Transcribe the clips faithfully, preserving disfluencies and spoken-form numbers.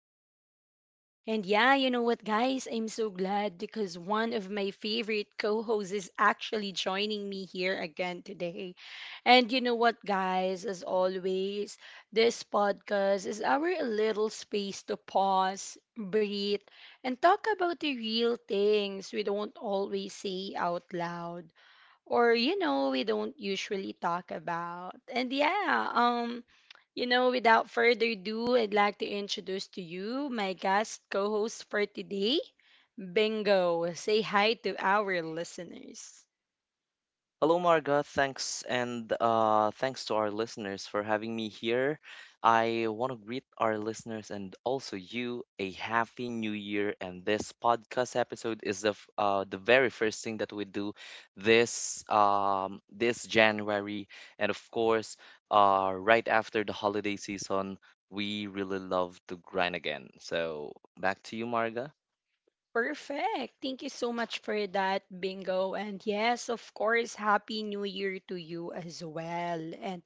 episode. And yeah, you know what, guys? I'm so glad because one of my favorite co hosts is actually joining me here again today. And you know what, guys? As always, this podcast is our little space to pause, breathe, and talk about the real things we don't always say out loud or you know we don't usually talk about and yeah um you know without further ado, I'd like to introduce to you my guest co-host for today. Bingo, say hi to our listeners. Hello, Marga. Thanks, and uh, thanks to our listeners for having me here. I want to greet our listeners and also you a happy new year. And this podcast episode is the f- uh, the very first thing that we do this um, this January, and of course, uh, right after the holiday season, we really love to grind again. So back to you, Marga. Perfect. Thank you so much for that, Bingo. And yes, of course, Happy New Year to you as well. And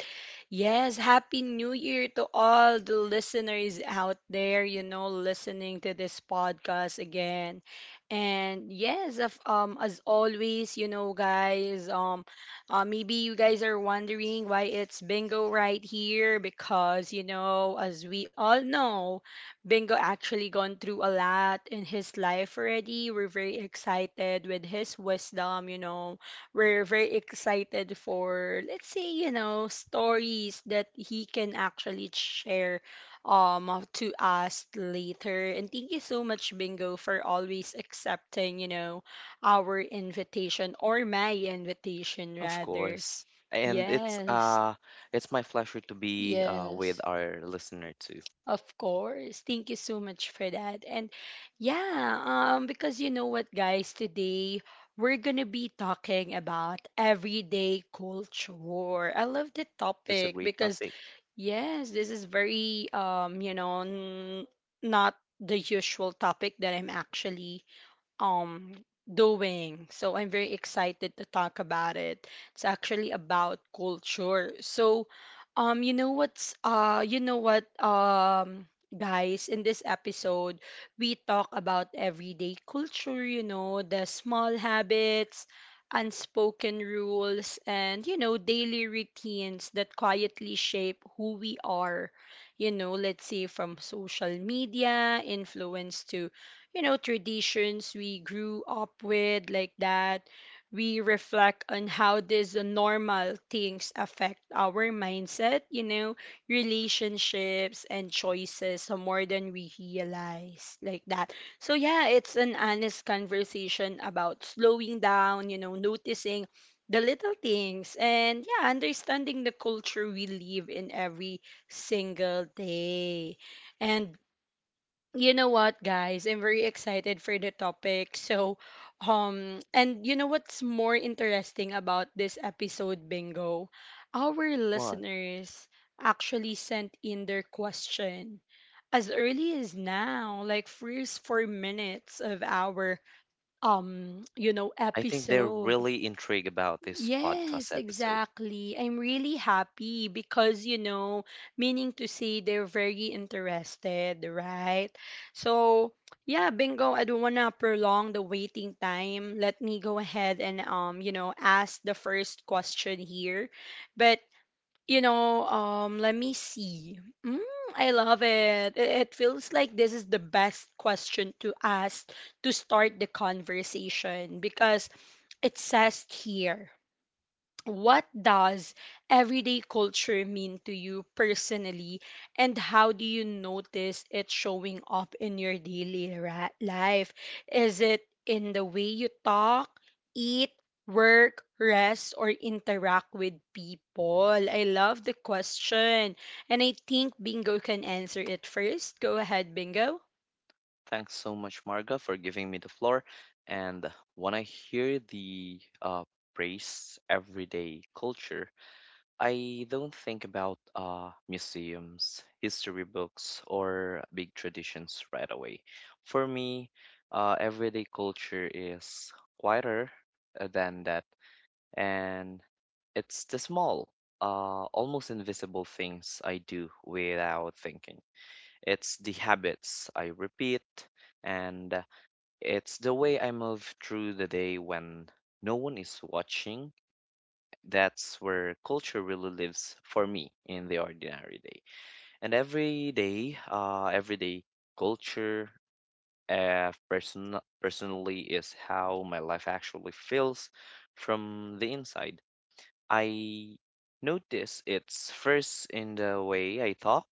yes, Happy New Year to all the listeners out there, you know, listening to this podcast again. And yes, of, um, as always, you know, guys, um, uh, maybe you guys are wondering why it's Bingo right here because, you know, as we all know, Bingo actually gone through a lot in his life already. We're very excited with his wisdom, you know. We're very excited for, let's say, you know, stories that he can actually share um to us later. And thank you so much, Bingo, for always accepting, you know, our invitation or my invitation Of rather. course. And it's Yes. uh it's my pleasure to be uh with Yes. our listener too. Of course. Thank you so much for that. And yeah, um because you know what, guys, today we're going to be talking about everyday culture. I love the That's a topic great because topic. yes, this is very um you know n- not the usual topic that I'm actually um doing. So I'm very excited to talk about it. It's actually about culture. So um you know what's uh you know what um guys, in this episode we talk about everyday culture, you know, the small habits, unspoken rules and you know daily routines that quietly shape who we are, you know, let's say from social media influence to, you know, traditions we grew up with, like that. We reflect on how these normal things affect our mindset, you know, relationships and choices, so more than we realize, like that. So yeah, it's an honest conversation about slowing down, you know, noticing the little things and yeah, understanding the culture we live in every single day. And you know what, guys, I'm very excited for the topic. So um and you know what's more interesting about this episode, Bingo, our What? listeners actually sent in their question as early as now, like first four minutes of our um you know I think they're episode. really intrigued about this Yes, podcast episode. exactly. I'm really happy because, you know, meaning to say they're very interested, right? So, yeah, Bingo, I don't want to prolong the waiting time. Let me go ahead and, um, you know, ask the first question here. But, you know, um, let me see. Mm, I love it. It it feels like this is the best question to ask to start the conversation because it says here, what does everyday culture mean to you personally and how do you notice it showing up in your daily ra- life? Is it in the way you talk, eat, work, rest or interact with people? I love the question, and I think Bingo can answer it first. Go ahead, Bingo. Thanks so much, Marga, for giving me the floor. And when I hear the uh praise everyday culture, I don't think about uh, museums, history books, or big traditions right away. For me, uh, everyday culture is quieter uh, than that, and it's the small, uh, almost invisible things I do without thinking. It's the habits I repeat, and it's the way I move through the day when no one is watching. That's where culture really lives for me in the ordinary day. And every day, uh, every day culture, uh, person personally is how my life actually feels from the inside. I notice it's first in the way I talk,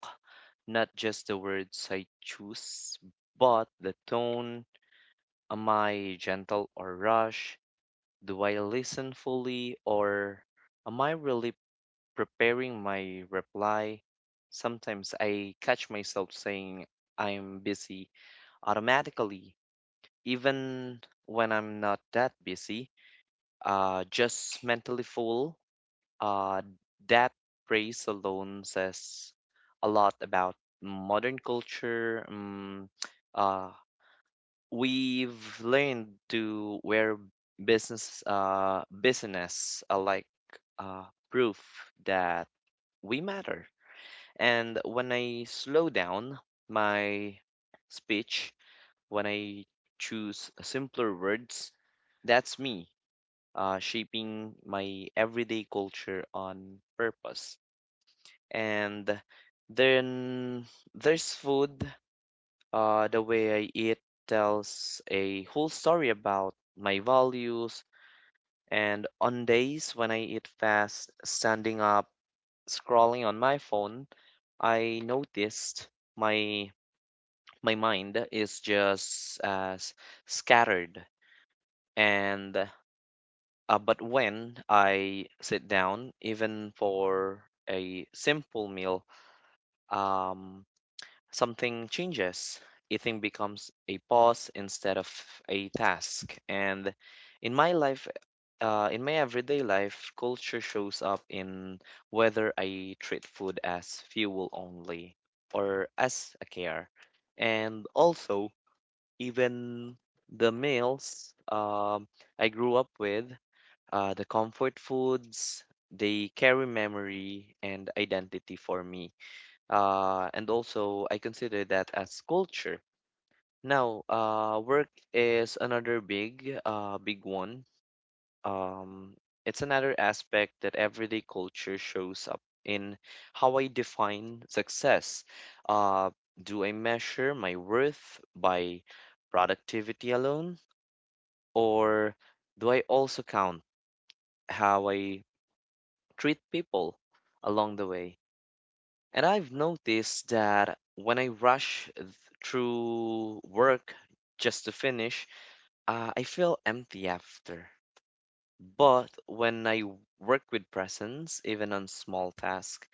not just the words I choose, but the tone. Am I gentle or rush? Do I listen fully or am I really preparing my reply? Sometimes I catch myself saying I'm busy automatically, even when I'm not that busy, uh, just mentally full. Uh, that phrase alone says a lot about modern culture. Um, uh, we've learned to wear business uh, business uh, like uh, proof that we matter. And when I slow down my speech, when I choose simpler words, that's me uh, shaping my everyday culture on purpose. And then there's food. Uh, the way I eat tells a whole story about my values. And on days when I eat fast, standing up, scrolling on my phone, I noticed my my mind is just as scattered. And uh, but when I sit down, even for a simple meal um, something changes. Eating becomes a pause instead of a task, and in my life uh, in my everyday life, culture shows up in whether I treat food as fuel only or as a care. And also, even the meals um, I grew up with, uh, the comfort foods, they carry memory and identity for me. Uh, and also, I consider that as culture. Now, uh, work is another big, uh, big one. Um, it's another aspect that everyday culture shows up in how I define success. Uh, do I measure my worth by productivity alone? Or do I also count how I treat people along the way? And I've noticed that when I rush th- through work just to finish, uh, I feel empty after. But when I work with presence, even on small tasks,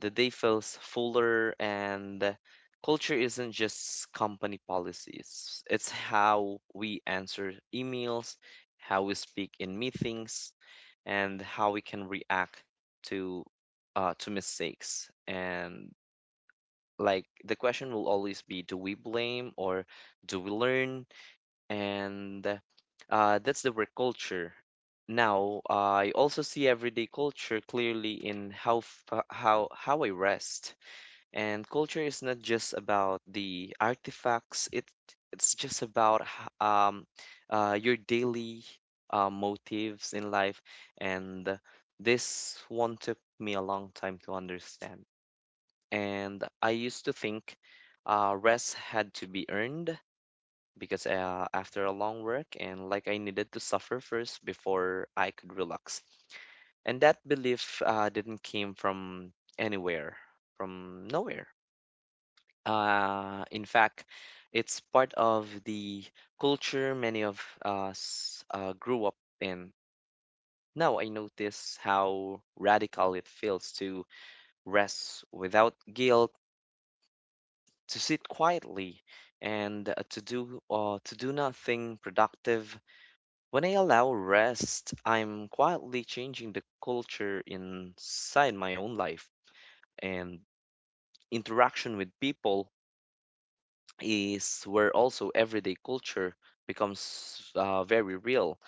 the day feels fuller. And culture isn't just company policies. It's how we answer emails, how we speak in meetings, and how we can react to uh, to mistakes. And like, the question will always be, do we blame or do we learn? And uh, That's the work culture. Now I also see everyday culture clearly in how f- uh, how how I rest. And culture is not just about the artifacts, it it's just about h- um uh, your daily uh, motives in life. And this one took me a long time to understand. And I used to think uh, rest had to be earned because uh, after a long work, and like, I needed to suffer first before I could relax. And that belief uh, didn't came from anywhere, from nowhere. Uh, in fact, it's part of the culture many of us uh, grew up in. Now I notice how radical it feels to rest without guilt, to sit quietly, and uh, to do uh, to do nothing productive. When I allow rest, I'm quietly changing the culture inside my own life. And interaction with people is where also everyday culture becomes uh, very real.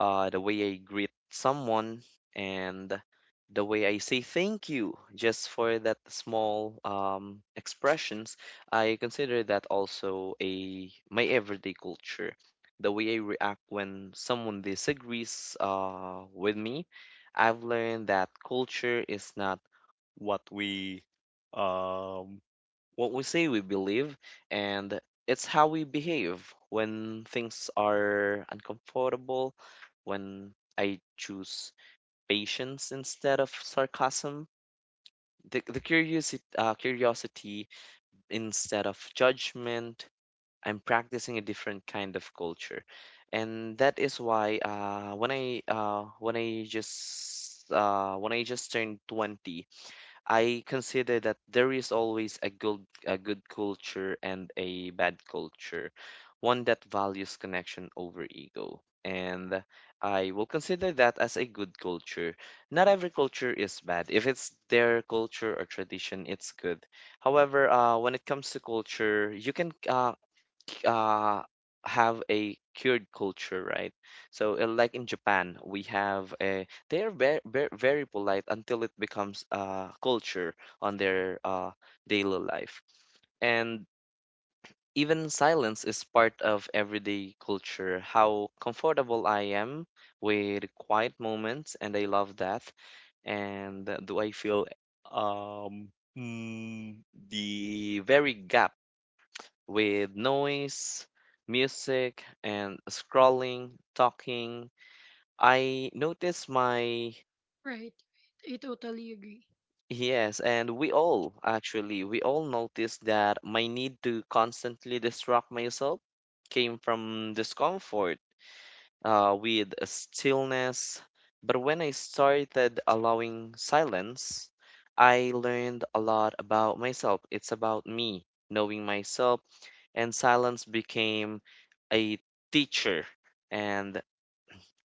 Uh, the way I greet someone, and the way I say thank you, just for that small um, expressions, I consider that also a my everyday culture. The way I react when someone disagrees uh, with me, I've learned that culture is not what we um what we say we believe, and it's how we behave when things are uncomfortable. When I choose patience instead of sarcasm, the, the curiosity, uh, curiosity instead of judgment, I'm practicing a different kind of culture. And that is why uh, when I uh, when I just uh, when I just turned twenty, I consider that there is always a good a good culture and a bad culture, one that values connection over ego. And I will consider that as a good culture. Not every culture is bad. If it's their culture or tradition, it's good. However, uh, when it comes to culture, you can uh, uh, have a cured culture, right? So, uh, like in Japan, we have a they are very very, very polite until it becomes a culture on their uh, daily life. And even silence is part of everyday culture. How comfortable I am with quiet moments, and I love that. And do I feel um mm, the very gap with noise, music, and scrolling, talking? I noticed my, Right. I totally agree. yes, and we all actually, we all noticed that my need to constantly distract myself came from discomfort uh, with stillness. But when I started allowing silence, I learned a lot about myself. It's about me, knowing myself, and silence became a teacher. And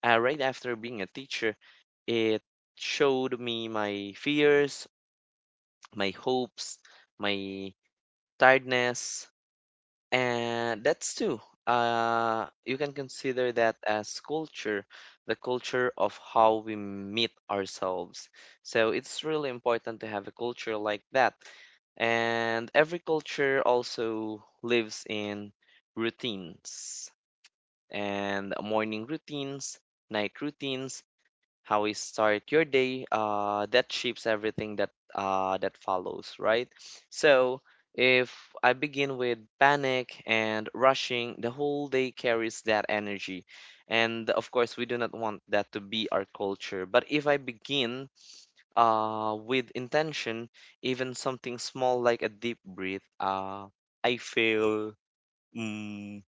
uh, right after being a teacher, it showed me my fears, my hopes, my tiredness, and that's two. Uh, you can consider that as culture, the culture of how we meet ourselves. So it's really important to have a culture like that. And every culture also lives in routines, and morning routines, night routines. How we start your day uh, that shapes everything that uh, that follows, right? So if I begin with panic and rushing, the whole day carries that energy, and of course we do not want that to be our culture. But if I begin uh, with intention, even something small like a deep breath uh, I feel mm,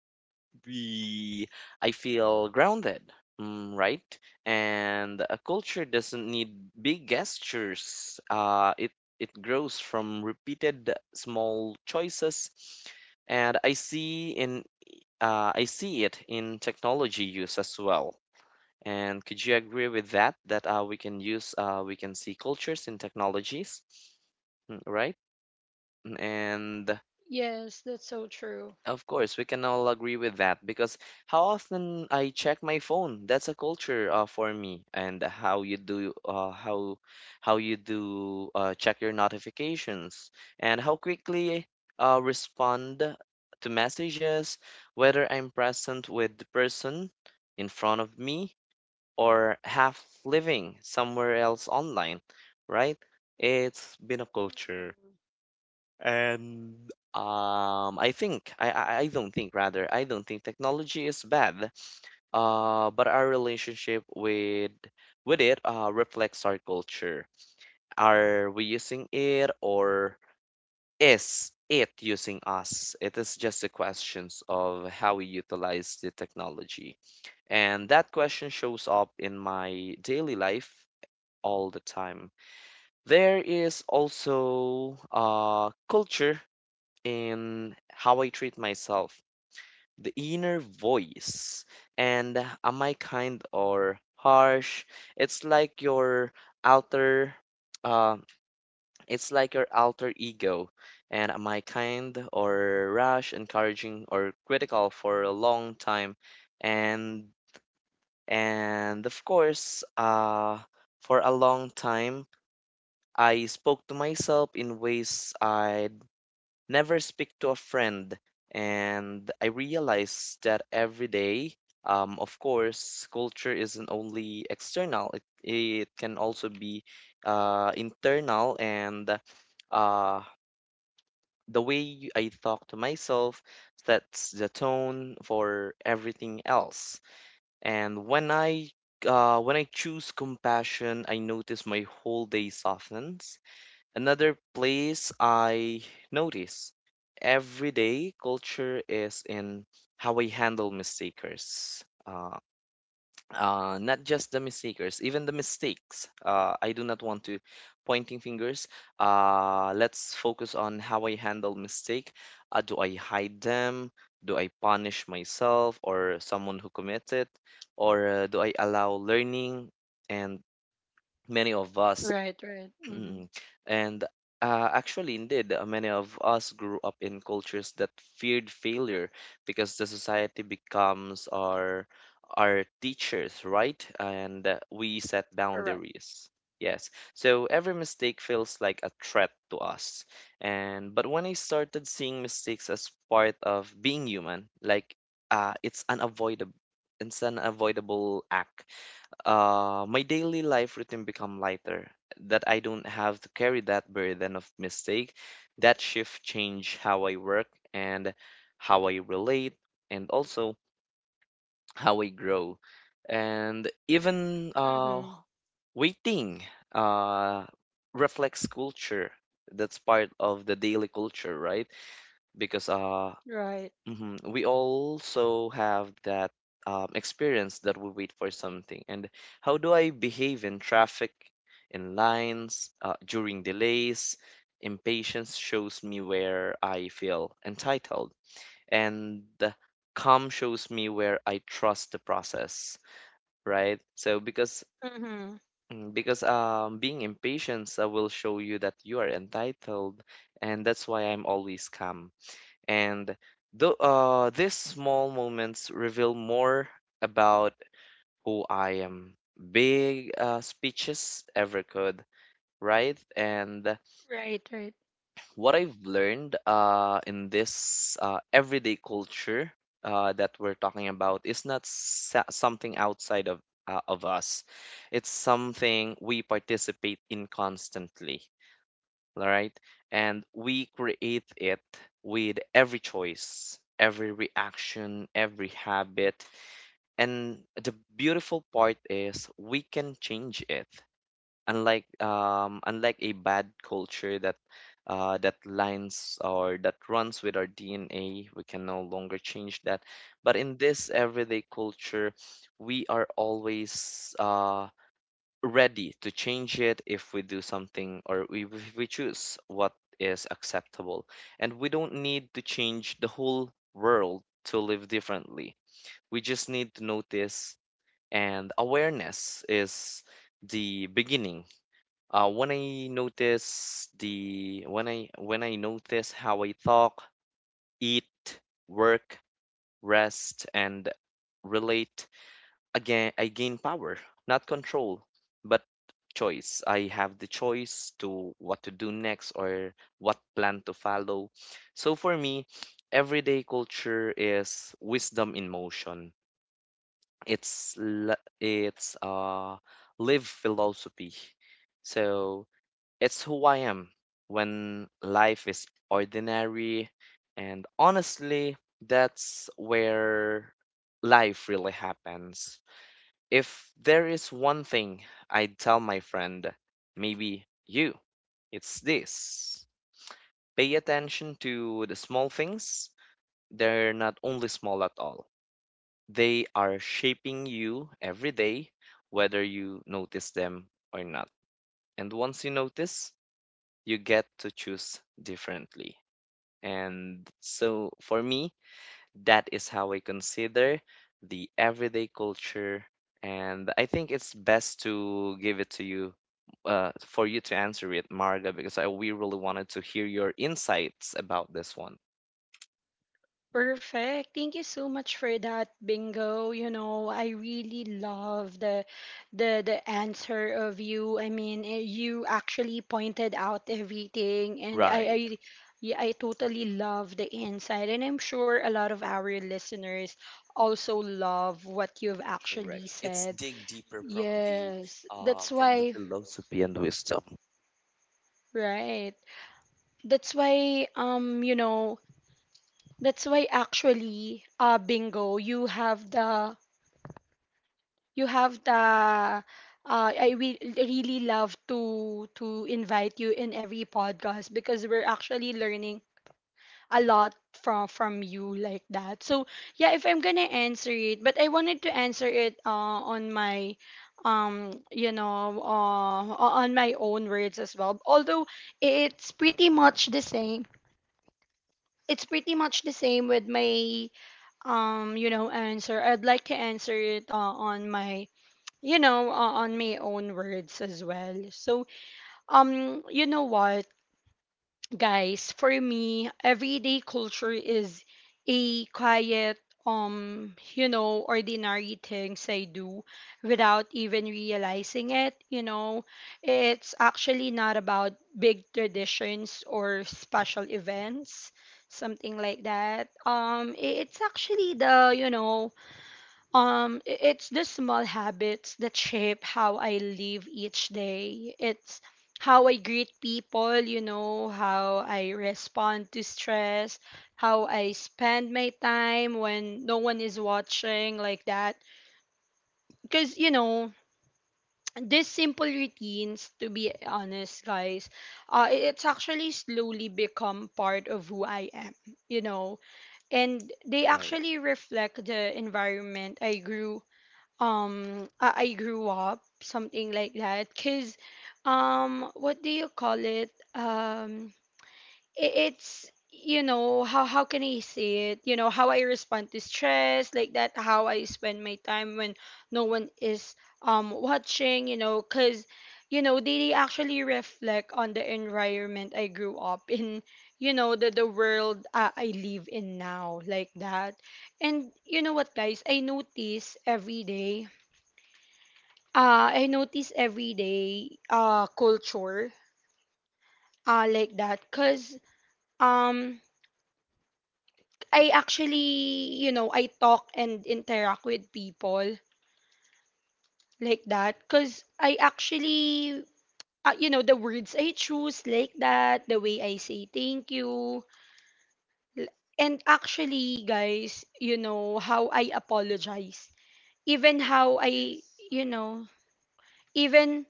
we I feel grounded, mm, right? And a culture doesn't need big gestures. Uh, it it grows from repeated small choices. And I see in uh, I see it in technology use as well. And could you agree with that? That uh, we can use uh, we can see cultures in technologies, mm, right? Mm. And Yes, that's so true. of course, we can all agree with that because how often I check my phone, that's a culture uh, for me. And how you do uh, how how you do uh, check your notifications, and how quickly uh, respond to messages, whether I'm present with the person in front of me, or half living somewhere else online, right? It's been a culture. And um, I think I, I I don't think, rather, I don't think technology is bad. Uh, but our relationship with with it uh, reflects our culture. Are we using it, or is it using us? It is just a questions of how we utilize the technology. And that question shows up in my daily life all the time. There is also uh, culture in how I treat myself, the inner voice. And am I kind or harsh? It's like your outer, uh, it's like your alter ego. And am I kind or rash, encouraging or critical for a long time? And and of course, uh, for a long time, I spoke to myself in ways I never speak to a friend. And I realized that every day, um, of course, culture isn't only external, it, it can also be uh, internal. And uh, the way I talk to myself sets the tone for everything else. And when I uh, when I choose compassion, I notice my whole day softens. Another place I notice every day culture is in how I handle mistakers. Uh, uh, not just the mistakers, even the mistakes. Uh, I do not want to pointing fingers. Uh, let's focus on how I handle mistake. Uh, do I hide them? Do I punish myself or someone who commits it? Or uh, do I allow learning? And many of us, Mhm. Right, right. Hmm. mm, and uh, actually, indeed, uh, many of us grew up in cultures that feared failure, because the society becomes our our teachers, right? And uh, we set boundaries. Yes. So every mistake feels like a threat to us. And but when I started seeing mistakes as part of being human, like, uh, it's unavoidable, it's an avoidable act. Uh, my daily life routine become lighter, that I don't have to carry that burden of mistake. That shift change how I work, and how I relate, and also how I grow. And even uh, waiting uh, reflects culture. That's part of the daily culture, right? Because uh, Right. hmm We also have that um, experience that we wait for something. And how do I behave in traffic, in lines, uh, during delays? Impatience shows me where I feel entitled, and the calm shows me where I trust the process, right? So because Mm-hmm. mm, because um, being impatient uh, will show you that you are entitled, and that's why I'm always calm. And the, uh, these small moments reveal more about who I am. Big uh, speeches ever could, right? And Right, right. what I've learned uh, in this uh, everyday culture uh, that we're talking about is not sa- something outside of uh, of us. It's something we participate in constantly, all right? And we create it with every choice, every reaction, every habit. And the beautiful part is we can change it. Unlike um, unlike a bad culture that uh, that lines or that runs with our D N A, we can no longer change that. But in this everyday culture, we are always uh, ready to change it if we do something or we, if we choose what is acceptable. And we don't need to change the whole world to live differently. We just need to notice, and awareness is the beginning. Uh, when I notice the when I when I notice how I talk, eat, work, rest, and relate, again I gain power, not control, but choice. I have the choice to what to do next or what plan to follow. So for me, everyday culture is wisdom in motion. It's l- it's uh live philosophy. So it's who I am when life is ordinary, and honestly that's where life really happens. If there is one thing I'd tell my friend, maybe you, it's this. Pay attention to the small things. They're not only small at all, they are shaping you every day, whether you notice them or not. And once you notice, you get to choose differently. And so for me, that is how I consider the everyday culture. And I think it's best to give it to you uh, for you to answer it, Marga, because I, we really wanted to hear your insights about this one. Perfect. Thank you so much for that, Bingo. You know, I really love the the the answer of you. I mean, eh, you actually pointed out everything and I Right, I yeah, I totally love the insight, and I'm sure a lot of our listeners also love what you've correct. actually It's said. dig deeper from the Yes. uh, That's from the why. philosophy and wisdom. Right. That's why um you know that's why actually, uh, Bingo, you have the you have the uh, I will really love to to invite you in every podcast because we're actually learning a lot from from you, like that. So yeah, if I'm gonna answer it, but I wanted to answer it uh, on my um you know uh on my own words as well. Although it's pretty much the same, it's pretty much the same with my um you know answer, I'd like to answer it uh, on my, you know, uh, on my own words as well. So um you know what, guys, for me everyday culture is a quiet, um you know, ordinary things I do without even realizing it, you know. It's actually not about big traditions or special events, something like that. Um i- it's actually the, you know, um, i- it's the small habits that shape how I live each day. It's how I greet people, you know, how I respond to stress, how I spend my time when no one is watching, like that. Because, you know, these simple routines, to be honest, guys, uh, i- it's actually slowly become part of who I am, you know, and they Right. actually reflect the environment I grew um I, I grew up, something like that. Because um what do you call it um I- it's, you know, how how can I say it? You know, how I respond to stress, like that, how I spend my time when no one is um watching, you know. Because, you know, they, they actually reflect on the environment I grew up in, you know, the the world uh, I live in now, like that. And you know what, guys, I notice every day uh, I notice everyday uh, culture, uh, like that, because um, I actually, you know, I talk and interact with people, like that, because I actually, uh, you know, the words I choose, like that, the way I say thank you. l- And actually, guys, you know, how I apologize. Even how I, you know, even,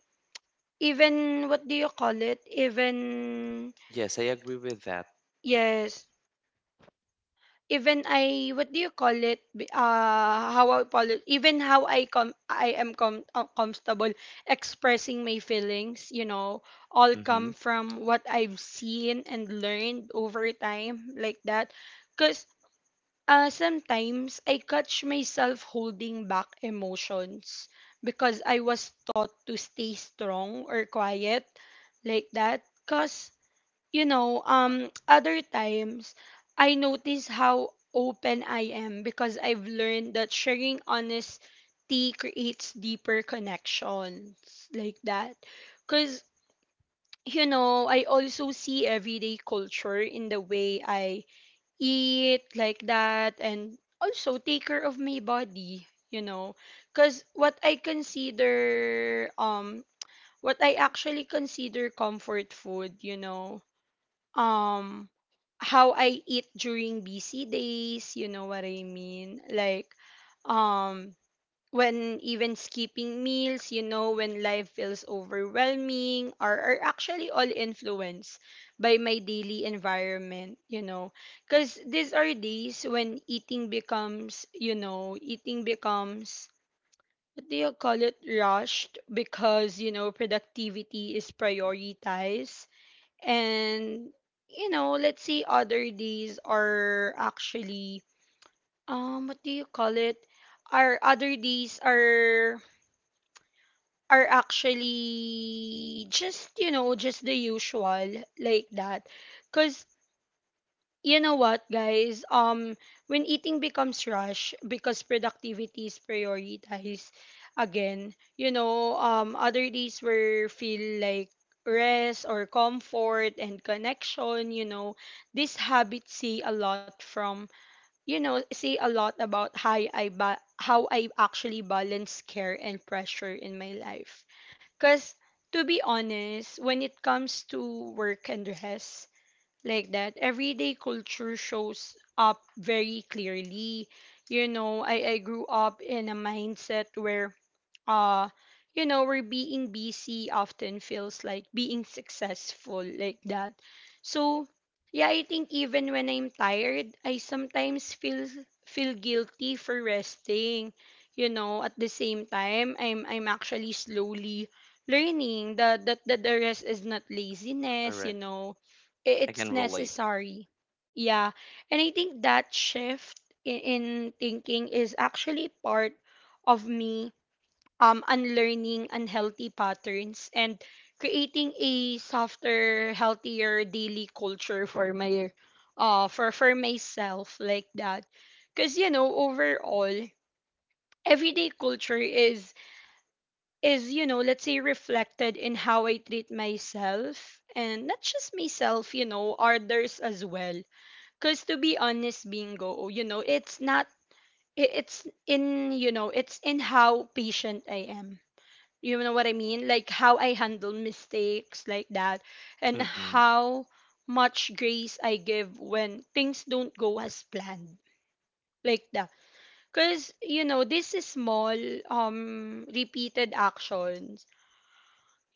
even, what do you call it? Even, Yes, I agree with that. yes, even I what do you call it? B- Uh, how I call it? Even how I com I am com uh, comfortable expressing my feelings, you know, all Mm-hmm. come from what I've seen and learned over time, like that. Cause uh, sometimes I catch myself holding back emotions because I was taught to stay strong or quiet, like that. Cause you know, um, other times I notice how open I am because I've learned that sharing honesty creates deeper connections, like that. Because, you know, I also see everyday culture in the way I eat, like that, and also take care of my body, you know. Because what I consider, um, what I actually consider comfort food, you know, um how I eat during busy days, you know what I mean? Like um when even skipping meals, you know, when life feels overwhelming, are, are actually all influenced by my daily environment, you know. Cause these are days when eating becomes, you know, eating becomes, what do you call it rushed, because you know productivity is prioritized, and you know, let's say other days are actually um what do you call it our other days are are actually just, you know, just the usual, like that. Because you know what, guys? Um, when eating becomes rush because productivity is prioritized again, you know, um, other days where feel like rest or comfort and connection, you know, this habit say a lot from, you know, say a lot about how I ba- how I actually balance care and pressure in my life. Cause to be honest, when it comes to work and rest, like that, everyday culture shows up very clearly. You know, i i grew up in a mindset where uh you know where being busy often feels like being successful, like that. So yeah, I think even when I'm tired I sometimes feel feel guilty for resting, you know. At the same time, i'm i'm actually slowly learning that that, that the rest is not laziness, Correct. you know, I- I can it's relate. necessary. Yeah. And I think that shift in, in thinking is actually part of me um unlearning unhealthy patterns and creating a softer, healthier daily culture for my uh for for myself, like that. Cause you know, overall, everyday culture is is, you know, let's say reflected in how I treat myself, and not just myself, you know, others as well. Because to be honest, Bingo, you know, it's not, I- it's in, you know, it's in how patient I am. You know what I mean? Like how I handle mistakes, like that, and Mm-mm. how much grace I give when things don't go as planned. Like that. Because, you know, this is small, um, repeated actions,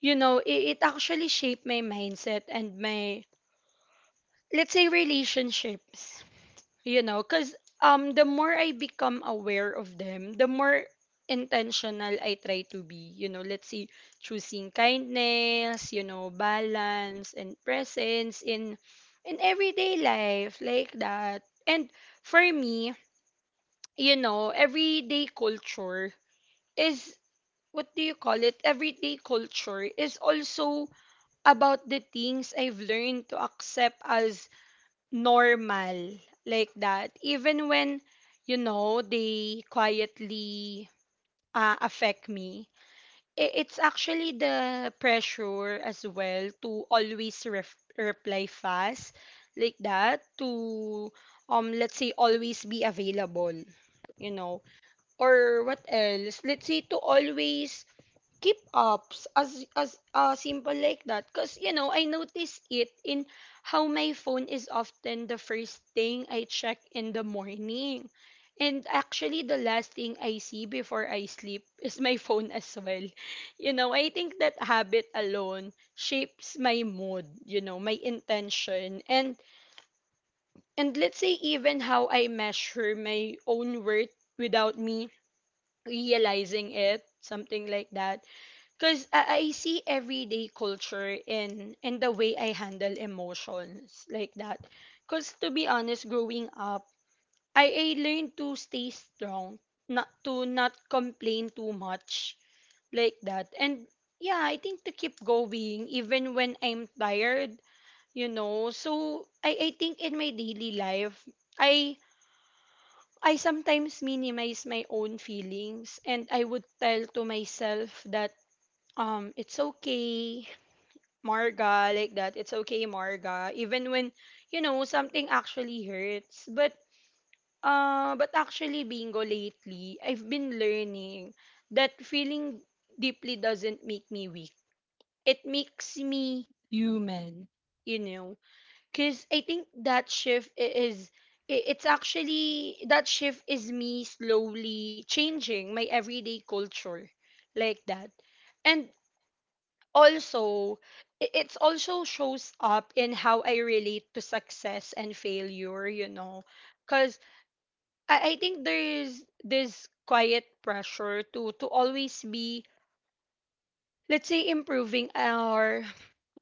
you know, it, it actually shaped my mindset and my, let's say, relationships. You know, because um the more I become aware of them, the more intentional I try to be. You know, let's say choosing kindness, you know, balance and presence in in everyday life, like that. And for me, you know, everyday culture is, what do you call it, everyday culture is also about the things I've learned to accept as normal, like that. Even when, you know, they quietly uh, affect me. I- it's actually the pressure as well to always ref- reply fast, like that, to, um let's say, always be available, you know, or what else, let's say to always keep ups as as uh, simple, like that. Because, you know, I notice it in how my phone is often the first thing I check in the morning, and actually the last thing I see before I sleep is my phone as well. You know, I think that habit alone shapes my mood, you know, my intention, and and let's say even how I measure my own worth without me realizing it, something like that. Because I, I see everyday culture in in the way I handle emotions, like that. Because, to be honest, growing up, I, I learned to stay strong, not to not complain too much, like that, and yeah, I think to keep going even when I'm tired, you know. So I I think in my daily life, I I sometimes minimize my own feelings, and I would tell to myself that um it's okay, Marga, like that. It's okay, Marga. Even when, you know, something actually hurts. But, uh, but actually, Bingo, lately, I've been learning that feeling deeply doesn't make me weak. It makes me human, you know? Because I think that shift i- is, i- it's actually, that shift is me slowly changing my everyday culture, like that. And also, i- it's also shows up in how I relate to success and failure, you know. 'Cause I, I think there's this quiet pressure to to always be, let's say, improving or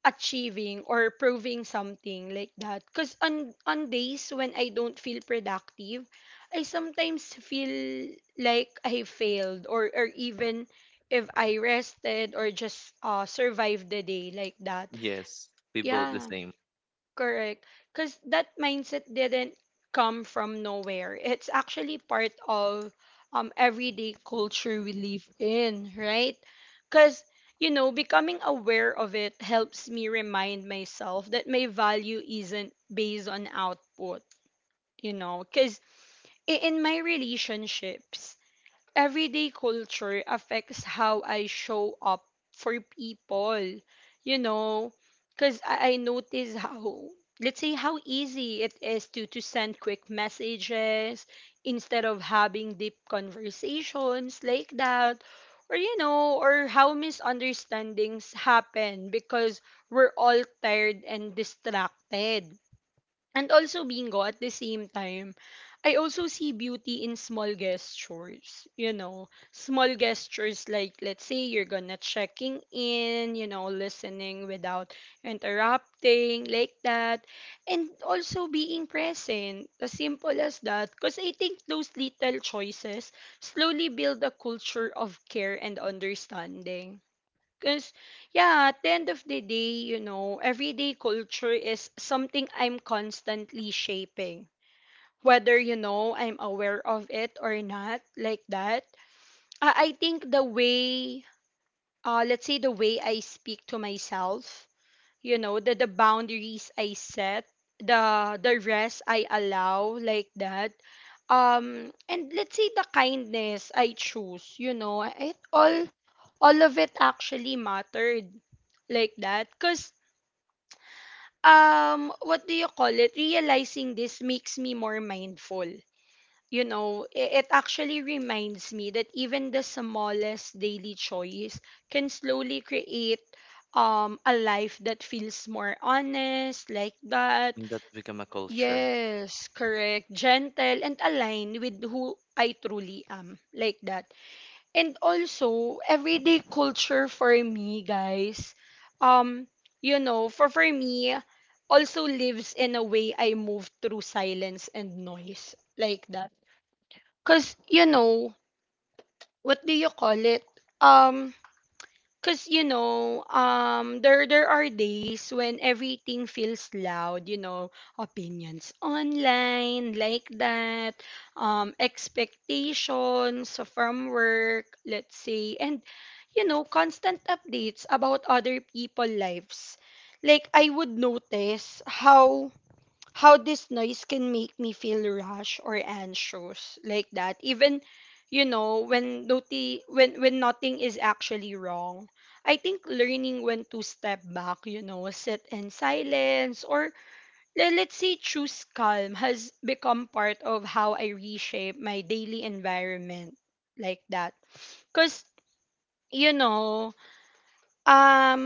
achieving or proving something, like that. 'Cause on on days when I don't feel productive, I sometimes feel like I failed, or or even if I rested or just uh survived the day, like that. Yes, we both the Yeah, same. correct. Because that mindset didn't come from nowhere. It's actually part of um everyday culture we live in, right? Because, you know, becoming aware of it helps me remind myself that my value isn't based on output. You know, because in my relationships, everyday culture affects how I show up for people, you know, because I, I notice how, let's say, how easy it is to, to send quick messages instead of having deep conversations, like that. Or, you know, or how misunderstandings happen because we're all tired and distracted. And also, Bingo, at the same time, I also see beauty in small gestures, you know, small gestures like, let's say, you're gonna checking in, you know, listening without interrupting, like that, and also being present, as simple as that. Because I think those little choices slowly build a culture of care and understanding. Because, yeah, at the end of the day, you know, everyday culture is something I'm constantly shaping. Whether, you know, I'm aware of it or not, like that. I, I think the way, uh, let's say, the way I speak to myself, you know, the the boundaries I set, the the rest I allow, like that, um and let's say the kindness I choose, you know, it all all of it actually mattered, like that. 'Cause um what do you call it, realizing this makes me more mindful, you know, i- it actually reminds me that even the smallest daily choice can slowly create um, a life that feels more honest, like that. And that become a culture. Yes, correct. Gentle and aligned with who I truly am, like that. And also, everyday culture for me, guys, um, you know, for for me, also lives in a way I move through silence and noise, like that. 'Cause, you know, what do you call it? Um, 'cause, you know, um, there there are days when everything feels loud, you know, opinions online, like that, um, expectations from work, let's say, and, you know, constant updates about other people lives. Like, I would notice how how this noise can make me feel rush or anxious, like that, even, you know, when noti- when when nothing is actually wrong. I think learning when to step back, you know, sit in silence, or, le- let's say, choose calm has become part of how I reshape my daily environment, like that. Because, you know, um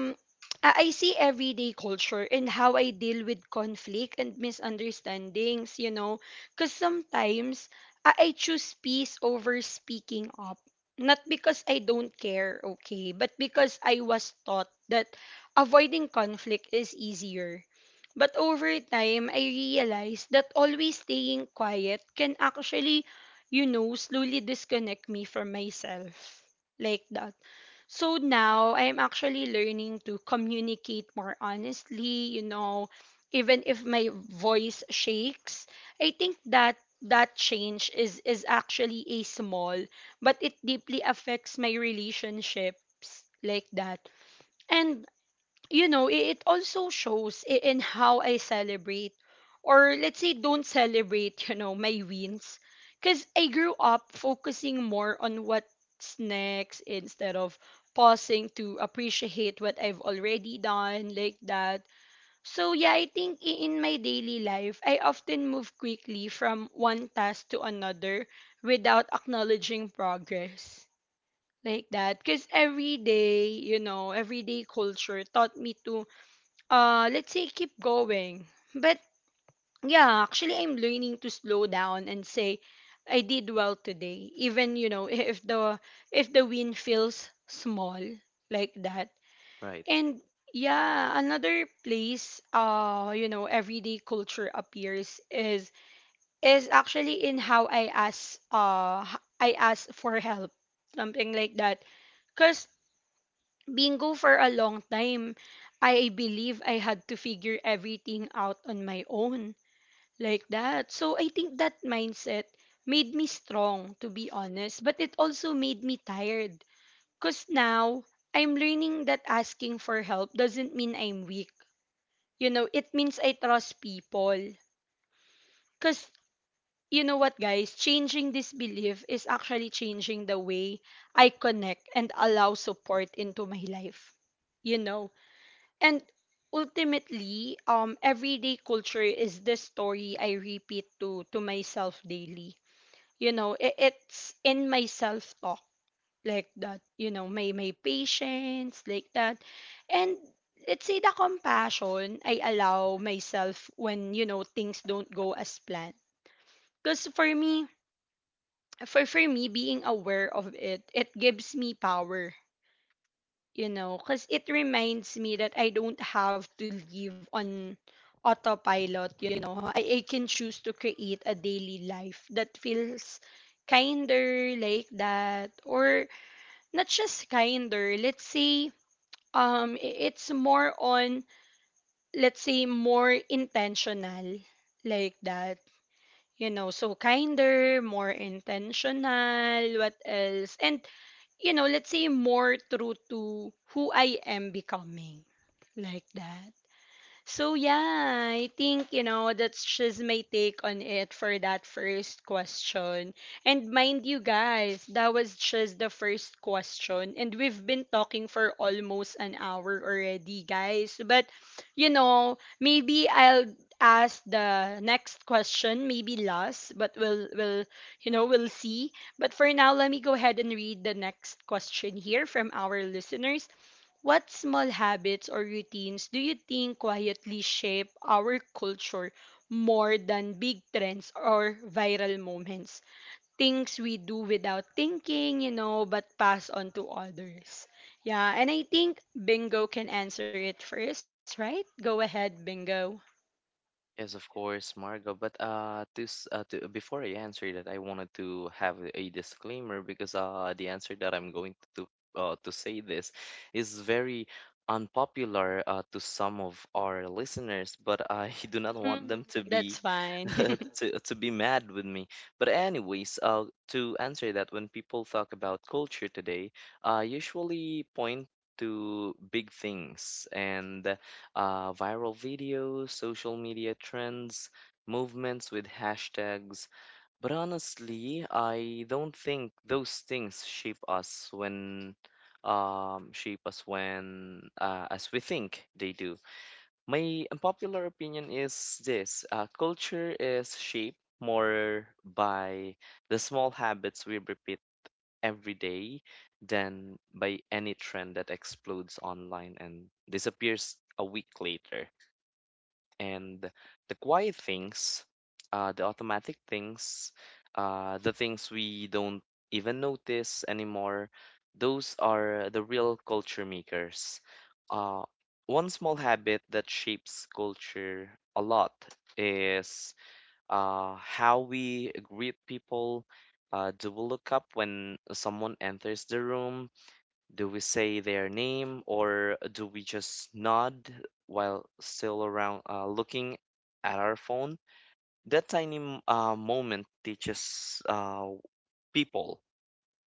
I I see everyday culture and how I deal with conflict and misunderstandings, you know, because sometimes I, I choose peace over speaking up. Not because I don't care, okay, but because I was taught that avoiding conflict is easier. But over time, I realized that always staying quiet can actually, you know, slowly disconnect me from myself. Like that. So now I'm actually learning to communicate more honestly, you know, even if my voice shakes. I think that that change is is actually a small, but it deeply affects my relationships, like that. And, you know, i- it also shows i- in how I celebrate, or, let's say, don't celebrate, you know, my wins. Because I grew up focusing more on what's next instead of pausing to appreciate what I've already done, like that. So, yeah, I think i- in my daily life, I often move quickly from one task to another without acknowledging progress. Like that. Because every day, you know, everyday culture taught me to, uh let's say, keep going, but yeah, actually I'm learning to slow down and say I did well today, even, you know, if the, if the win feels small, like that. Right. And yeah, another place, uh you know, everyday culture appears is is actually in how I ask, uh h- i ask for help, something like that. Because, Bingo, for a long time, I believe I had to figure everything out on my own, like that. So I think that mindset made me strong, to be honest, but it also made me tired. Because now I'm learning that asking for help doesn't mean I'm weak. You know, it means I trust people. Because, you know what, guys? Changing this belief is actually changing the way I connect and allow support into my life, you know. And ultimately, um, everyday culture is the story I repeat to to myself daily. You know, it, it's in my self talk, like that. You know, my my patience, like that, and let's say the compassion I allow myself when, you know, things don't go as planned. Because for me, for for me, being aware of it, it gives me power, you know, because it reminds me that I don't have to live on autopilot, you know. I, I can choose to create a daily life that feels kinder, like that, or not just kinder, let's say, um, i- it's more on, let's say, more intentional, like that. You know, so kinder, more intentional, what else? And, you know, let's say more true to who I am becoming. Like that. So yeah, I think, you know, that's just my take on it for that first question. And mind you, guys, that was just the first question and we've been talking for almost an hour already, guys. But, you know, maybe I'll ask the next question, maybe last, but we'll we'll you know, we'll see. But for now, let me go ahead and read the next question here from our listeners. What small habits or routines do you think quietly shape our culture more than big trends or viral moments? Things we do without thinking, you know, but pass on to others. Yeah, and I think Bingo can answer it first, right? Go ahead, Bingo. Yes, of course, Margo. But uh, to, s- uh, to before I answer that, I wanted to have a disclaimer because uh, the answer that I'm going to uh, to say this is very unpopular uh, to some of our listeners, but I do not Hmm. want them to That's be fine. to to be mad with me. But anyways, uh, to answer that, when people talk about culture today, I usually point to big things and uh, viral videos, social media trends, movements with hashtags. But honestly, I don't think those things shape us when um, shape us when uh, as we think they do. My unpopular opinion is this: uh, culture is shaped more by the small habits we repeat every day than by any trend that explodes online and disappears a week later, and the quiet things, uh, the automatic things, uh, the things we don't even notice anymore, those are the real culture makers. Uh, One small habit that shapes culture a lot is uh, how we greet people. Uh, do we look up when someone enters the room? Do we say their name, or do we just nod while still around uh, looking at our phone? That tiny m- uh, moment teaches uh, people,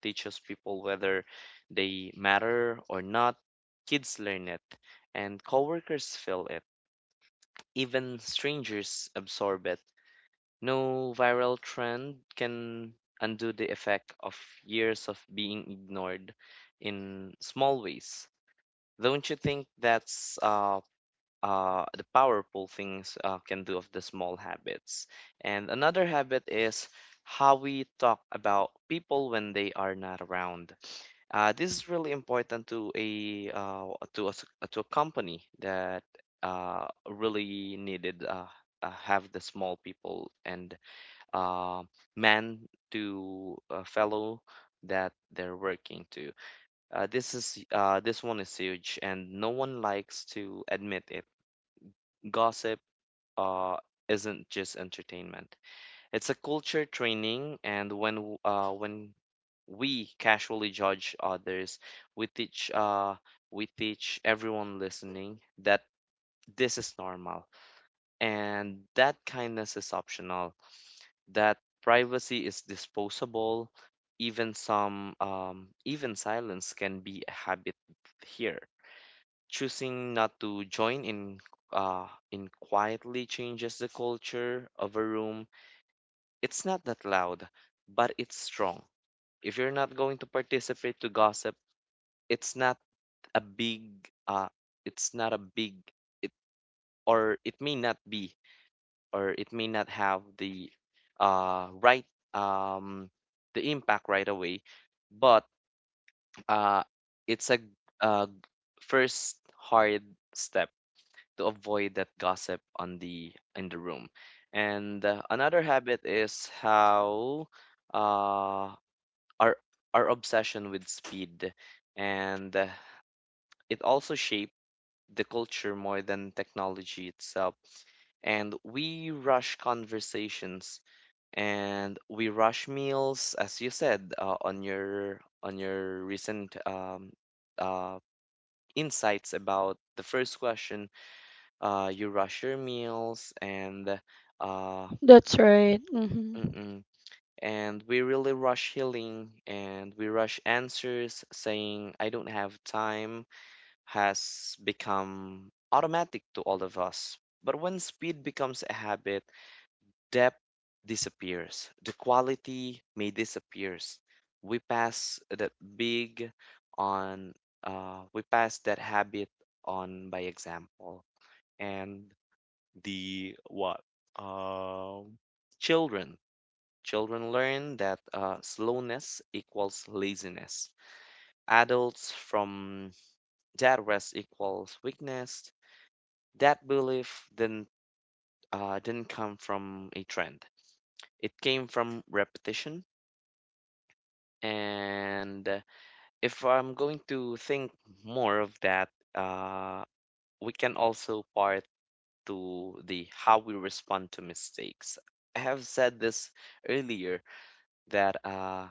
teaches people whether they matter or not. Kids learn it, and coworkers feel it. Even strangers absorb it. No viral trend can undo the effect of years of being ignored in small ways. Don't you think that's uh, uh, the powerful things uh, can do of the small habits? And another habit is how we talk about people when they are not around. Uh, this is really important to a uh, to a, s- to a company that uh, really needed uh, uh, have the small people and uh, man to a fellow that they're working to. Uh, this is uh, this one is huge, and no one likes to admit it. Gossip uh, isn't just entertainment; it's a culture training. And when w- uh, when we casually judge others, we teach uh, we teach everyone listening that this is normal, and that kindness is optional. That privacy is disposable. Even some um, even silence can be a habit here. Choosing not to join in uh, in quietly changes the culture of a room. It's not that loud, but it's strong. If you're not going to participate to gossip, it's not a big uh it's not a big it or it may not be, or it may not have the uh right um the impact right away, but uh it's a uh first hard step to avoid that gossip on the in the room. And uh, another habit is how uh, our our obsession with speed, and uh, it also shaped the culture more than technology itself. And we rush conversations and we rush meals, as you said uh, on your on your recent um, uh, insights about the first question. Uh, you rush your meals and uh, That's right. Hmm. mm-mm. and we really rush healing, and we rush answers. Saying I don't have time has become automatic to all of us. But when speed becomes a habit, depth disappears. The quality may disappears. We pass that big on, uh, we pass that habit on by example. And the what um children children learn that uh, slowness equals laziness, adults from that rest equals weakness. That belief didn't uh, didn't come from a trend, it came from repetition. And uh, if I'm going to think more of that, uh, we can also part to the how we respond to mistakes. I have said this earlier that uh,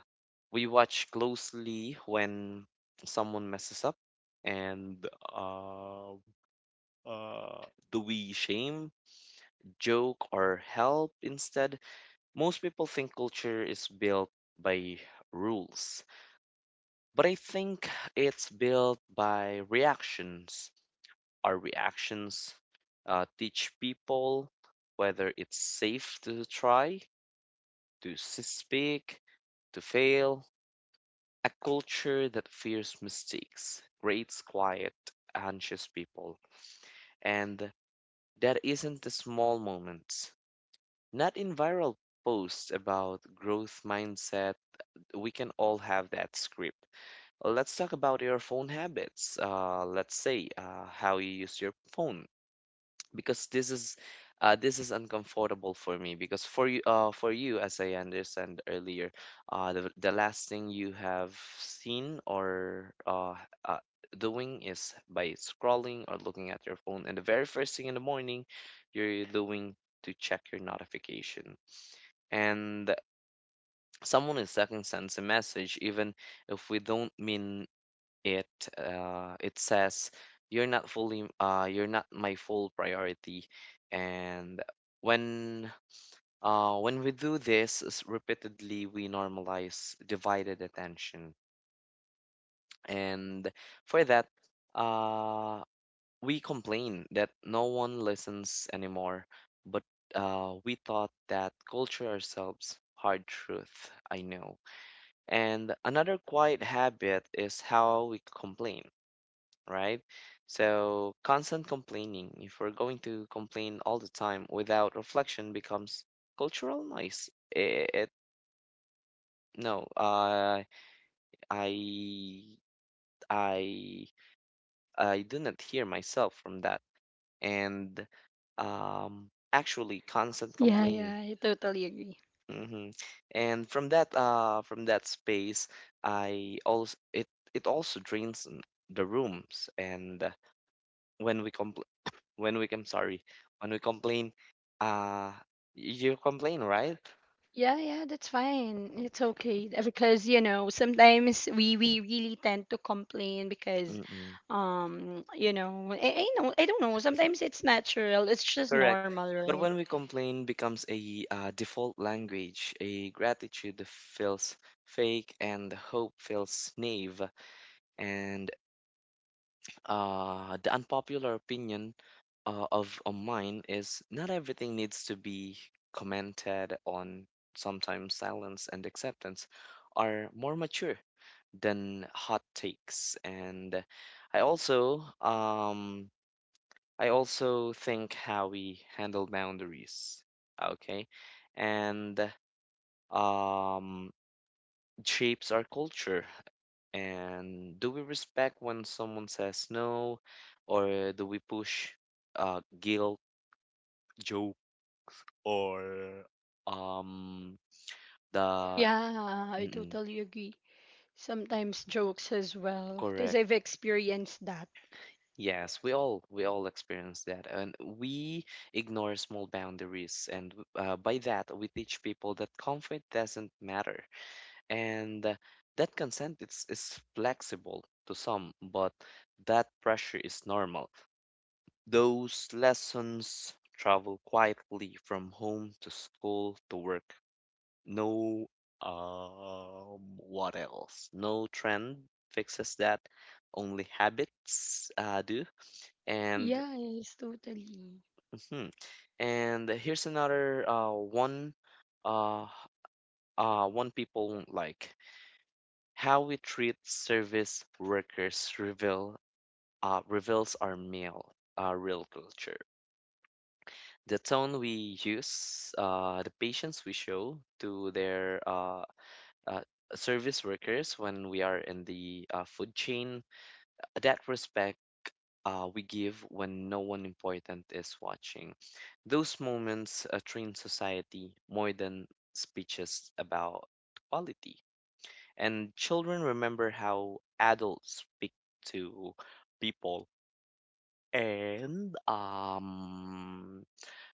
we watch closely when someone messes up, and uh, uh, do we shame, joke, or help instead? Most people think culture is built by rules, but I think it's built by reactions. Our reactions uh, teach people whether it's safe to try, to s- speak, to fail. A culture that fears mistakes creates quiet, anxious people, and that isn't the small moments. Not in viral posts about growth mindset. We can all have that script. Let's talk about your phone habits. Uh, let's say uh, how you use your phone, because this is uh, this is uncomfortable for me, because for you, uh, for you as I understand earlier, uh, the, the last thing you have seen or uh, uh, doing is by scrolling or looking at your phone, and the very first thing in the morning you're doing to check your notification. And someone is second sends a message, even if we don't mean it, uh, it says you're not fully uh, you're not my full priority. And when uh, when we do this s- repeatedly, we normalize divided attention. And for that, uh, we complain that no one listens anymore. But uh, we thought that culture ourselves, hard truth I know. And another quiet habit is how we complain, right? So, constant complaining, if we're going to complain all the time without reflection, becomes cultural noise. It, it no, uh, I I I do not hear myself from that, and um, actually, constant Yeah, complaining. yeah, I totally agree. Hmm. And from that uh from that space, I also it it also drains n- the rooms. And uh, when we complain when we I'm sorry, when we complain, uh, you complain, right? Yeah, yeah, that's fine. It's okay. Uh, because, you know, sometimes we we really tend to complain because, Mm-mm. um, you know, I, I know, I don't know. Sometimes it's natural. It's just Correct. normal, But right? when we complain becomes a uh, default language, a gratitude feels fake and hope feels naive. And uh, the unpopular opinion uh, of of mine is not everything needs to be commented on. Sometimes silence and acceptance are more mature than hot takes. And I also um I also think how we handle boundaries, okay, and um shapes our culture. And do we respect when someone says no, or do we push uh, guilt, joke, or um the Yeah, I Yeah. Mm-mm, totally agree. Sometimes jokes as well, because correct? I've experienced that. Yes, we all we all experience that, and we ignore small boundaries, and uh, by that we teach people that comfort doesn't matter, and uh, that consent is is flexible to some, but that pressure is normal. Those lessons travel quietly from home to school to work. No, um, what else? No trend fixes that. Only habits uh, do. And Yeah, yes, totally. mhm. And here's another uh, one. Uh, uh, One people won't like: how we treat service workers reveal uh, reveals our male uh, real culture. The tone we use, uh, the patience we show to their uh, uh, service workers when we are in the uh, food chain, that respect uh, we give when no one important is watching. Those moments uh, train society more than speeches about quality. And children remember how adults speak to people. And um,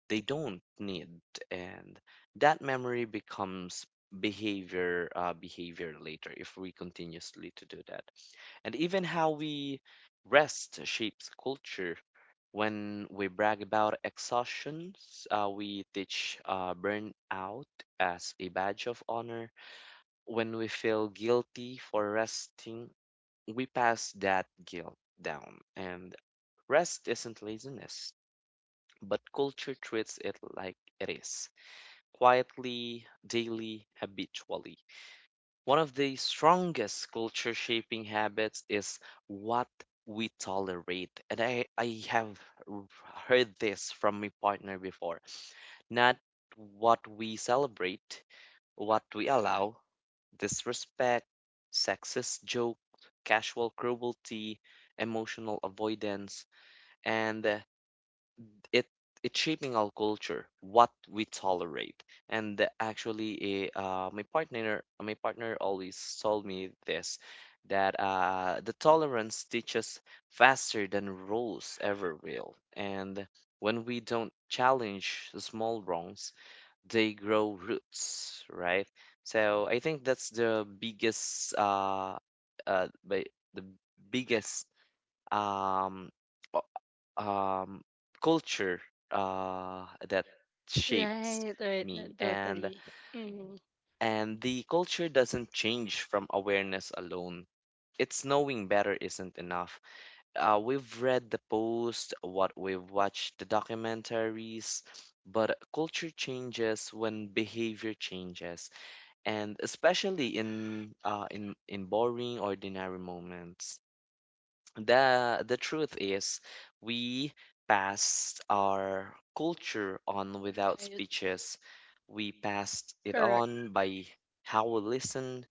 they don't need and That memory becomes behavior uh, behavior later if we continuously to do that. And even how we rest shapes culture. When we brag about exhaustions, uh, we teach uh, burnout as a badge of honor. When we feel guilty for resting, we pass that guilt down. And rest isn't laziness, but culture treats it like it is, quietly, daily, habitually. One of the strongest culture shaping habits is what we tolerate. And I, I have r- heard this from my partner before. Not what we celebrate, what we allow: disrespect, sexist joke, casual cruelty, emotional avoidance. And it it's shaping our culture, what we tolerate. And the- actually eh, uh, My partner my partner always told me this, that uh, the tolerance teaches faster than rules ever will. And when we don't challenge the small wrongs, they grow roots, right? So I think that's the biggest uh, uh, ba- the biggest um, um, culture uh, that shapes Right, right, uh, me. and totally. Hmm. and the culture doesn't change from awareness alone. It's knowing better isn't enough. Uh, we've read the post, what we've watched the documentaries, but culture changes when behavior changes, and especially in uh, in in boring ordinary moments. The the truth is, we passed our culture on without Right, speeches. We passed it correct. on by how we listen,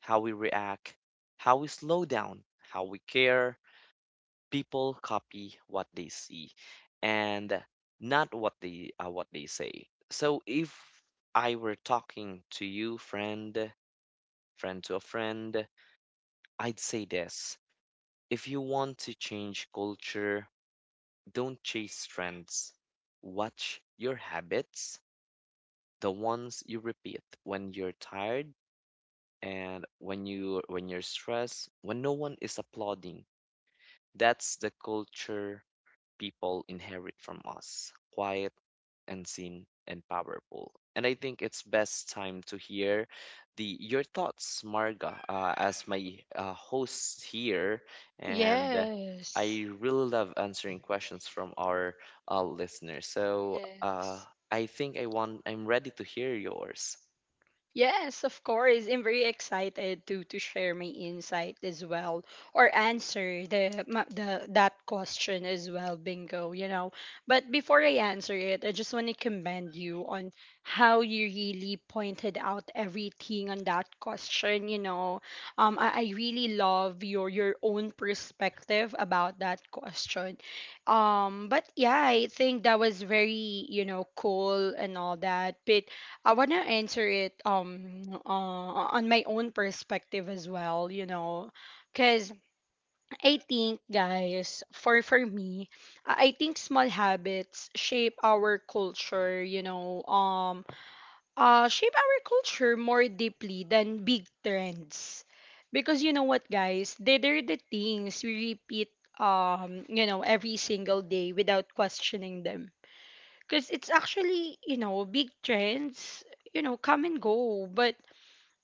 how we react, how we slow down, how we care. People copy what they see, and not what they uh, what they say. So if I were talking to you, friend friend to a friend, I'd say this: if you want to change culture, don't chase trends. Watch your habits, the ones you repeat when you're tired, and when you when you're stressed, when no one is applauding. That's the culture people inherit from us: quiet, unseen, and powerful. And I think it's best time to hear the your thoughts, Marga, uh, as my uh, host here. And Yes. I really love answering questions from our uh, listeners. So uh, Yes. I think I want I'm ready to hear yours. Yes, of course. I'm very excited to to share my insight as well, or answer the ma- the that question as well, Bingo, you know. But before I answer it, I just want to commend you on how you really pointed out everything on that question, you know. Um I, I really love your your own perspective about that question. Um but yeah, I think that was very, you know, cool and all that. But I want to answer it um uh, on my own perspective as well, you know, 'cuz I think, guys, for for me, I I think small habits shape our culture, you know, um uh shape our culture more deeply than big trends. Because you know what guys, they, they're the things we repeat um you know every single day without questioning them, because it's actually you know big trends you know come and go. But I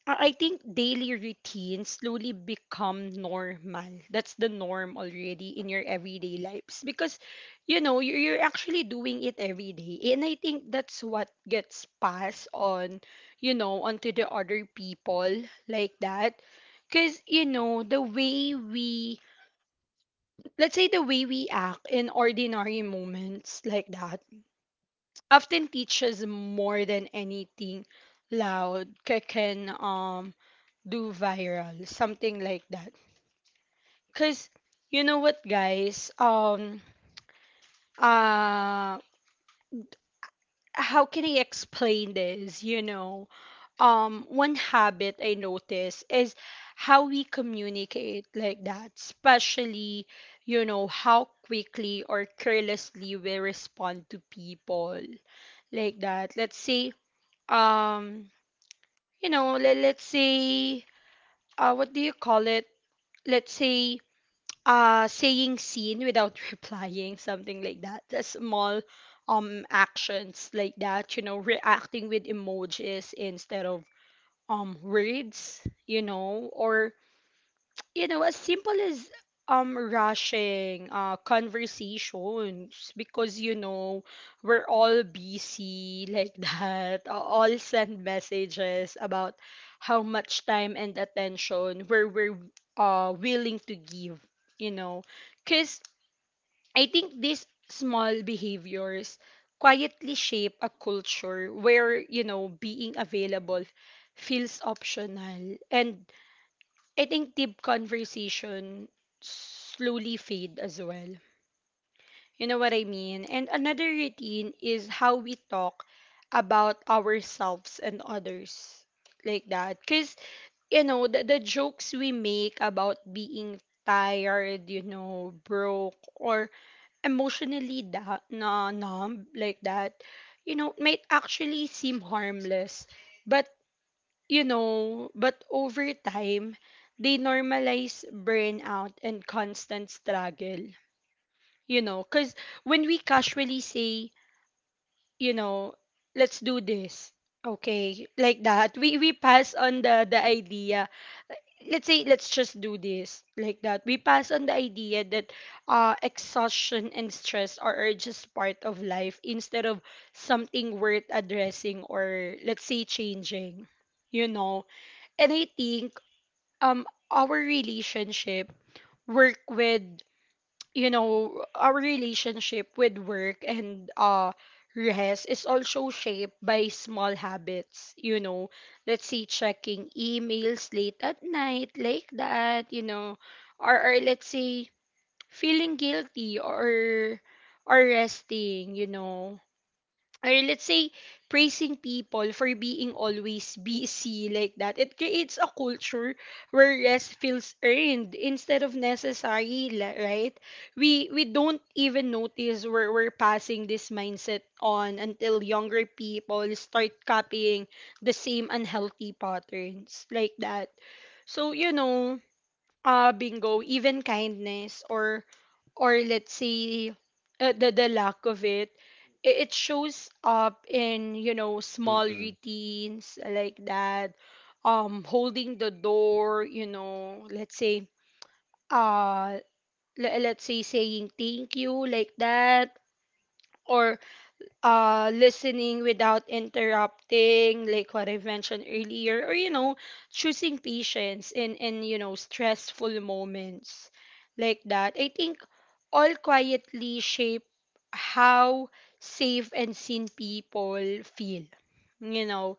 I think daily routines slowly become normal. That's the norm already in your everyday lives, because you know you- you're actually doing it every day, and I think that's what gets passed on you know onto the other people like that. Because you know the way we, let's say, the way we act in ordinary moments like that often teaches more than anything loud ca- can um do viral, something like that. Because you know what guys, um uh how can I explain this, you know. Um one habit I notice is how we communicate, like that, especially you know how quickly or carelessly we respond to people, like that. Let's say, um you know, let, let's say, uh, what do you call it? Let's say, uh, saying scene without replying, something like that. The small um actions like that, you know, reacting with emojis instead of um words, you know, or you know, as simple as um rushing uh conversations, because you know we're all busy like that, uh, all send messages about how much time and attention we're we're uh willing to give, you know. Because I think these small behaviors quietly shape a culture where you know being available feels optional, and I think deep conversation slowly fade as well. You know what I mean? And another routine is how we talk about ourselves and others, like that. Because, you know, the, the jokes we make about being tired, you know, broke, or emotionally da- na- numb like that, you know, might actually seem harmless. But you know, but over time, they normalize burnout and constant struggle. You know, because when we casually say, you know, let's do this, okay, like that, we, we pass on the, the idea. Let's say, let's just do this, like that. We pass on the idea that uh, exhaustion and stress are, are just part of life instead of something worth addressing or, let's say, changing, you know. And i think um our relationship work with you know our relationship with work and uh rest is also shaped by small habits, you know. Let's see, checking emails late at night like that, you know, or, or let's say feeling guilty or or resting, you know, or let's say praising people for being always busy like that. It creates a culture where rest feels earned instead of necessary, li- right? We we don't even notice where we're passing this mindset on until younger people start copying the same unhealthy patterns, like that. So you know, uh Bingo, even kindness or or let's say uh, the the lack of it, i- it shows up in you know small Mm-mm. routines, like that. Um holding the door, you know, let's say uh, le- let's say saying thank you, like that, or uh listening without interrupting, like what I mentioned earlier, or you know choosing patience in in you know stressful moments, like that. I think all quietly shape how safe and seen people feel, you know.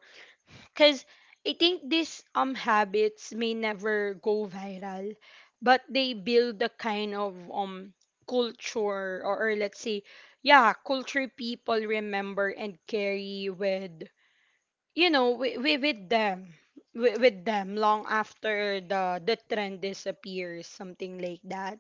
Because I think these um habits may never go viral, but they build a kind of um culture, or, or let's say, yeah, culture people remember and carry with you know we, we with them, we, with them long after the the trend disappears, something like that.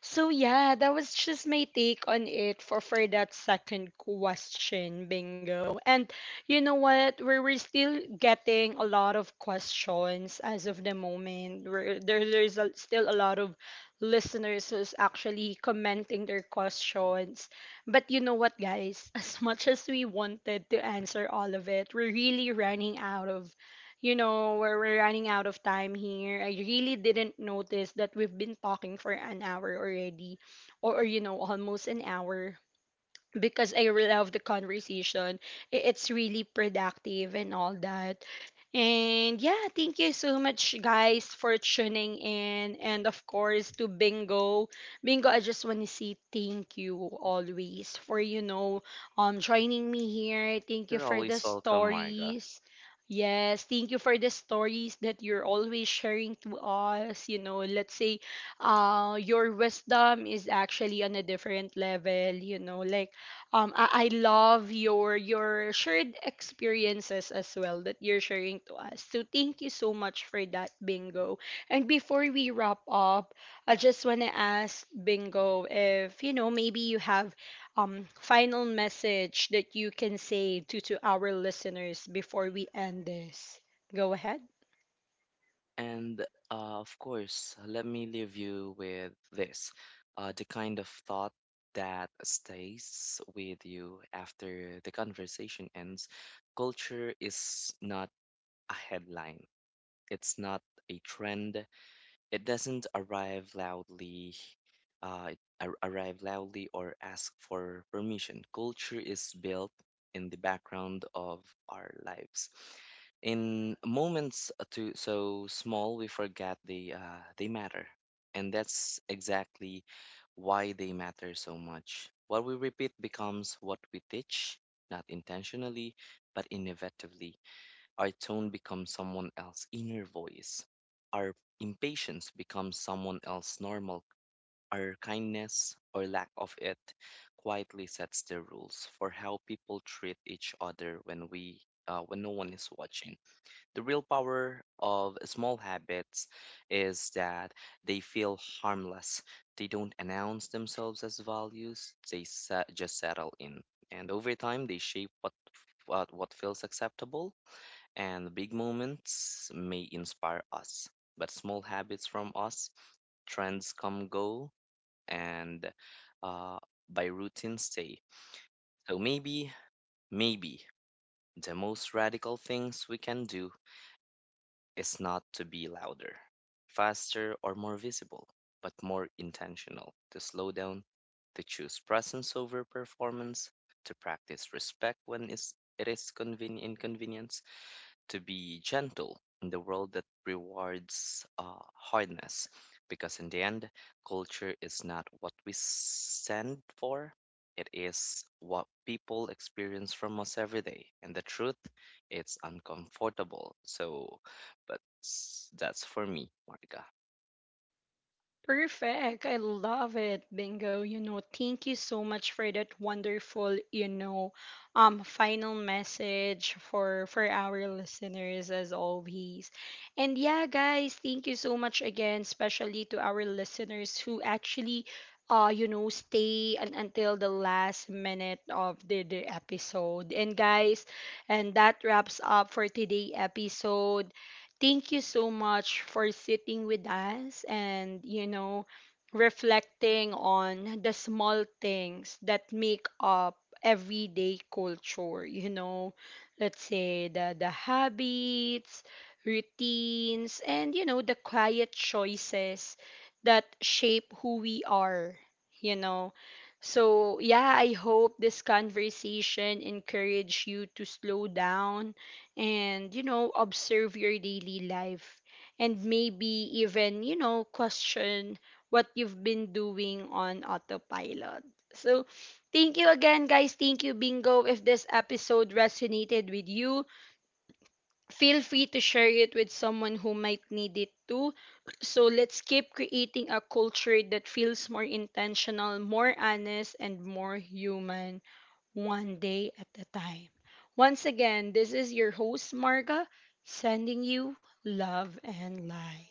So yeah, that was just my take on it for for that second question, Bingo. And you know what, we're, we're still getting a lot of questions as of the moment. We're, there, there's a, still a lot of listeners who's actually commenting their questions. But you know what, guys? As much as we wanted to answer all of it, we're really running out of, you know, we're, we're running out of time here. I really didn't notice that we've been talking for an hour already, or, or you know, almost an hour, because I love the conversation. I- It's really productive and all that. And yeah, thank you so much, guys, for tuning in. And of course, to Bingo. Bingo, I just want to say thank you always for, you know, um, joining me here. Thank you You're for the always welcome, Marga. stories. Yes, thank you for the stories that you're always sharing to us. You know, let's say uh, your wisdom is actually on a different level, you know, like um I, I love your your shared experiences as well that you're sharing to us. So thank you so much for that, Bingo. And before we wrap up, I just wanna ask Bingo if you know maybe you have um final message that you can say to to our listeners before we end this. Go ahead. And uh, of course, let me leave you with this, uh, the kind of thought that stays with you after the conversation ends. Culture is not a headline, it's not a trend, it doesn't arrive loudly. Uh, it ar- arrive loudly or ask for permission. Culture is built in the background of our lives, in moments too so small we forget they uh, they matter, and that's exactly why they matter so much. What we repeat becomes what we teach, not intentionally, but inevitably. Our tone becomes someone else's inner voice. Our impatience becomes someone else's normal. Our kindness or lack of it quietly sets the rules for how people treat each other when we uh, when no one is watching. The real power of small habits is that they feel harmless. They don't announce themselves as values. They se- just settle in, and over time, they shape what what, what feels acceptable. And the big moments may inspire us, but small habits from us. Trends come go, and uh, by routine stay. So maybe, maybe the most radical things we can do is not to be louder, faster, or more visible, but more intentional: to slow down, to choose presence over performance, to practice respect when is- it is conven- inconvenient, to be gentle in the world that rewards uh, hardness. Because, in the end, culture is not what we send for, it is what people experience from us every day. And the truth, it's uncomfortable. So, but s- that's for me, Marga. Perfect. I love it. Bingo. You know, thank you so much for that wonderful, you know, um final message for for our listeners as always. And yeah, guys, thank you so much again, especially to our listeners who actually uh you know stay un- until the last minute of the, the episode. And guys, and that wraps up for today episode. Thank you so much for sitting with us and, you know, reflecting on the small things that make up everyday culture. You know, let's say the, the habits, routines, and, you know, the quiet choices that shape who we are, you know. So, yeah, I hope this conversation encouraged you to slow down and you know observe your daily life, and maybe even you know question what you've been doing on autopilot. So thank you again, guys. Thank you, Bingo. If this episode resonated with you, feel free to share it with someone who might need it too. So let's keep creating a culture that feels more intentional, more honest, and more human, one day at a time. Once again, this is your host, Marga, sending you love and light.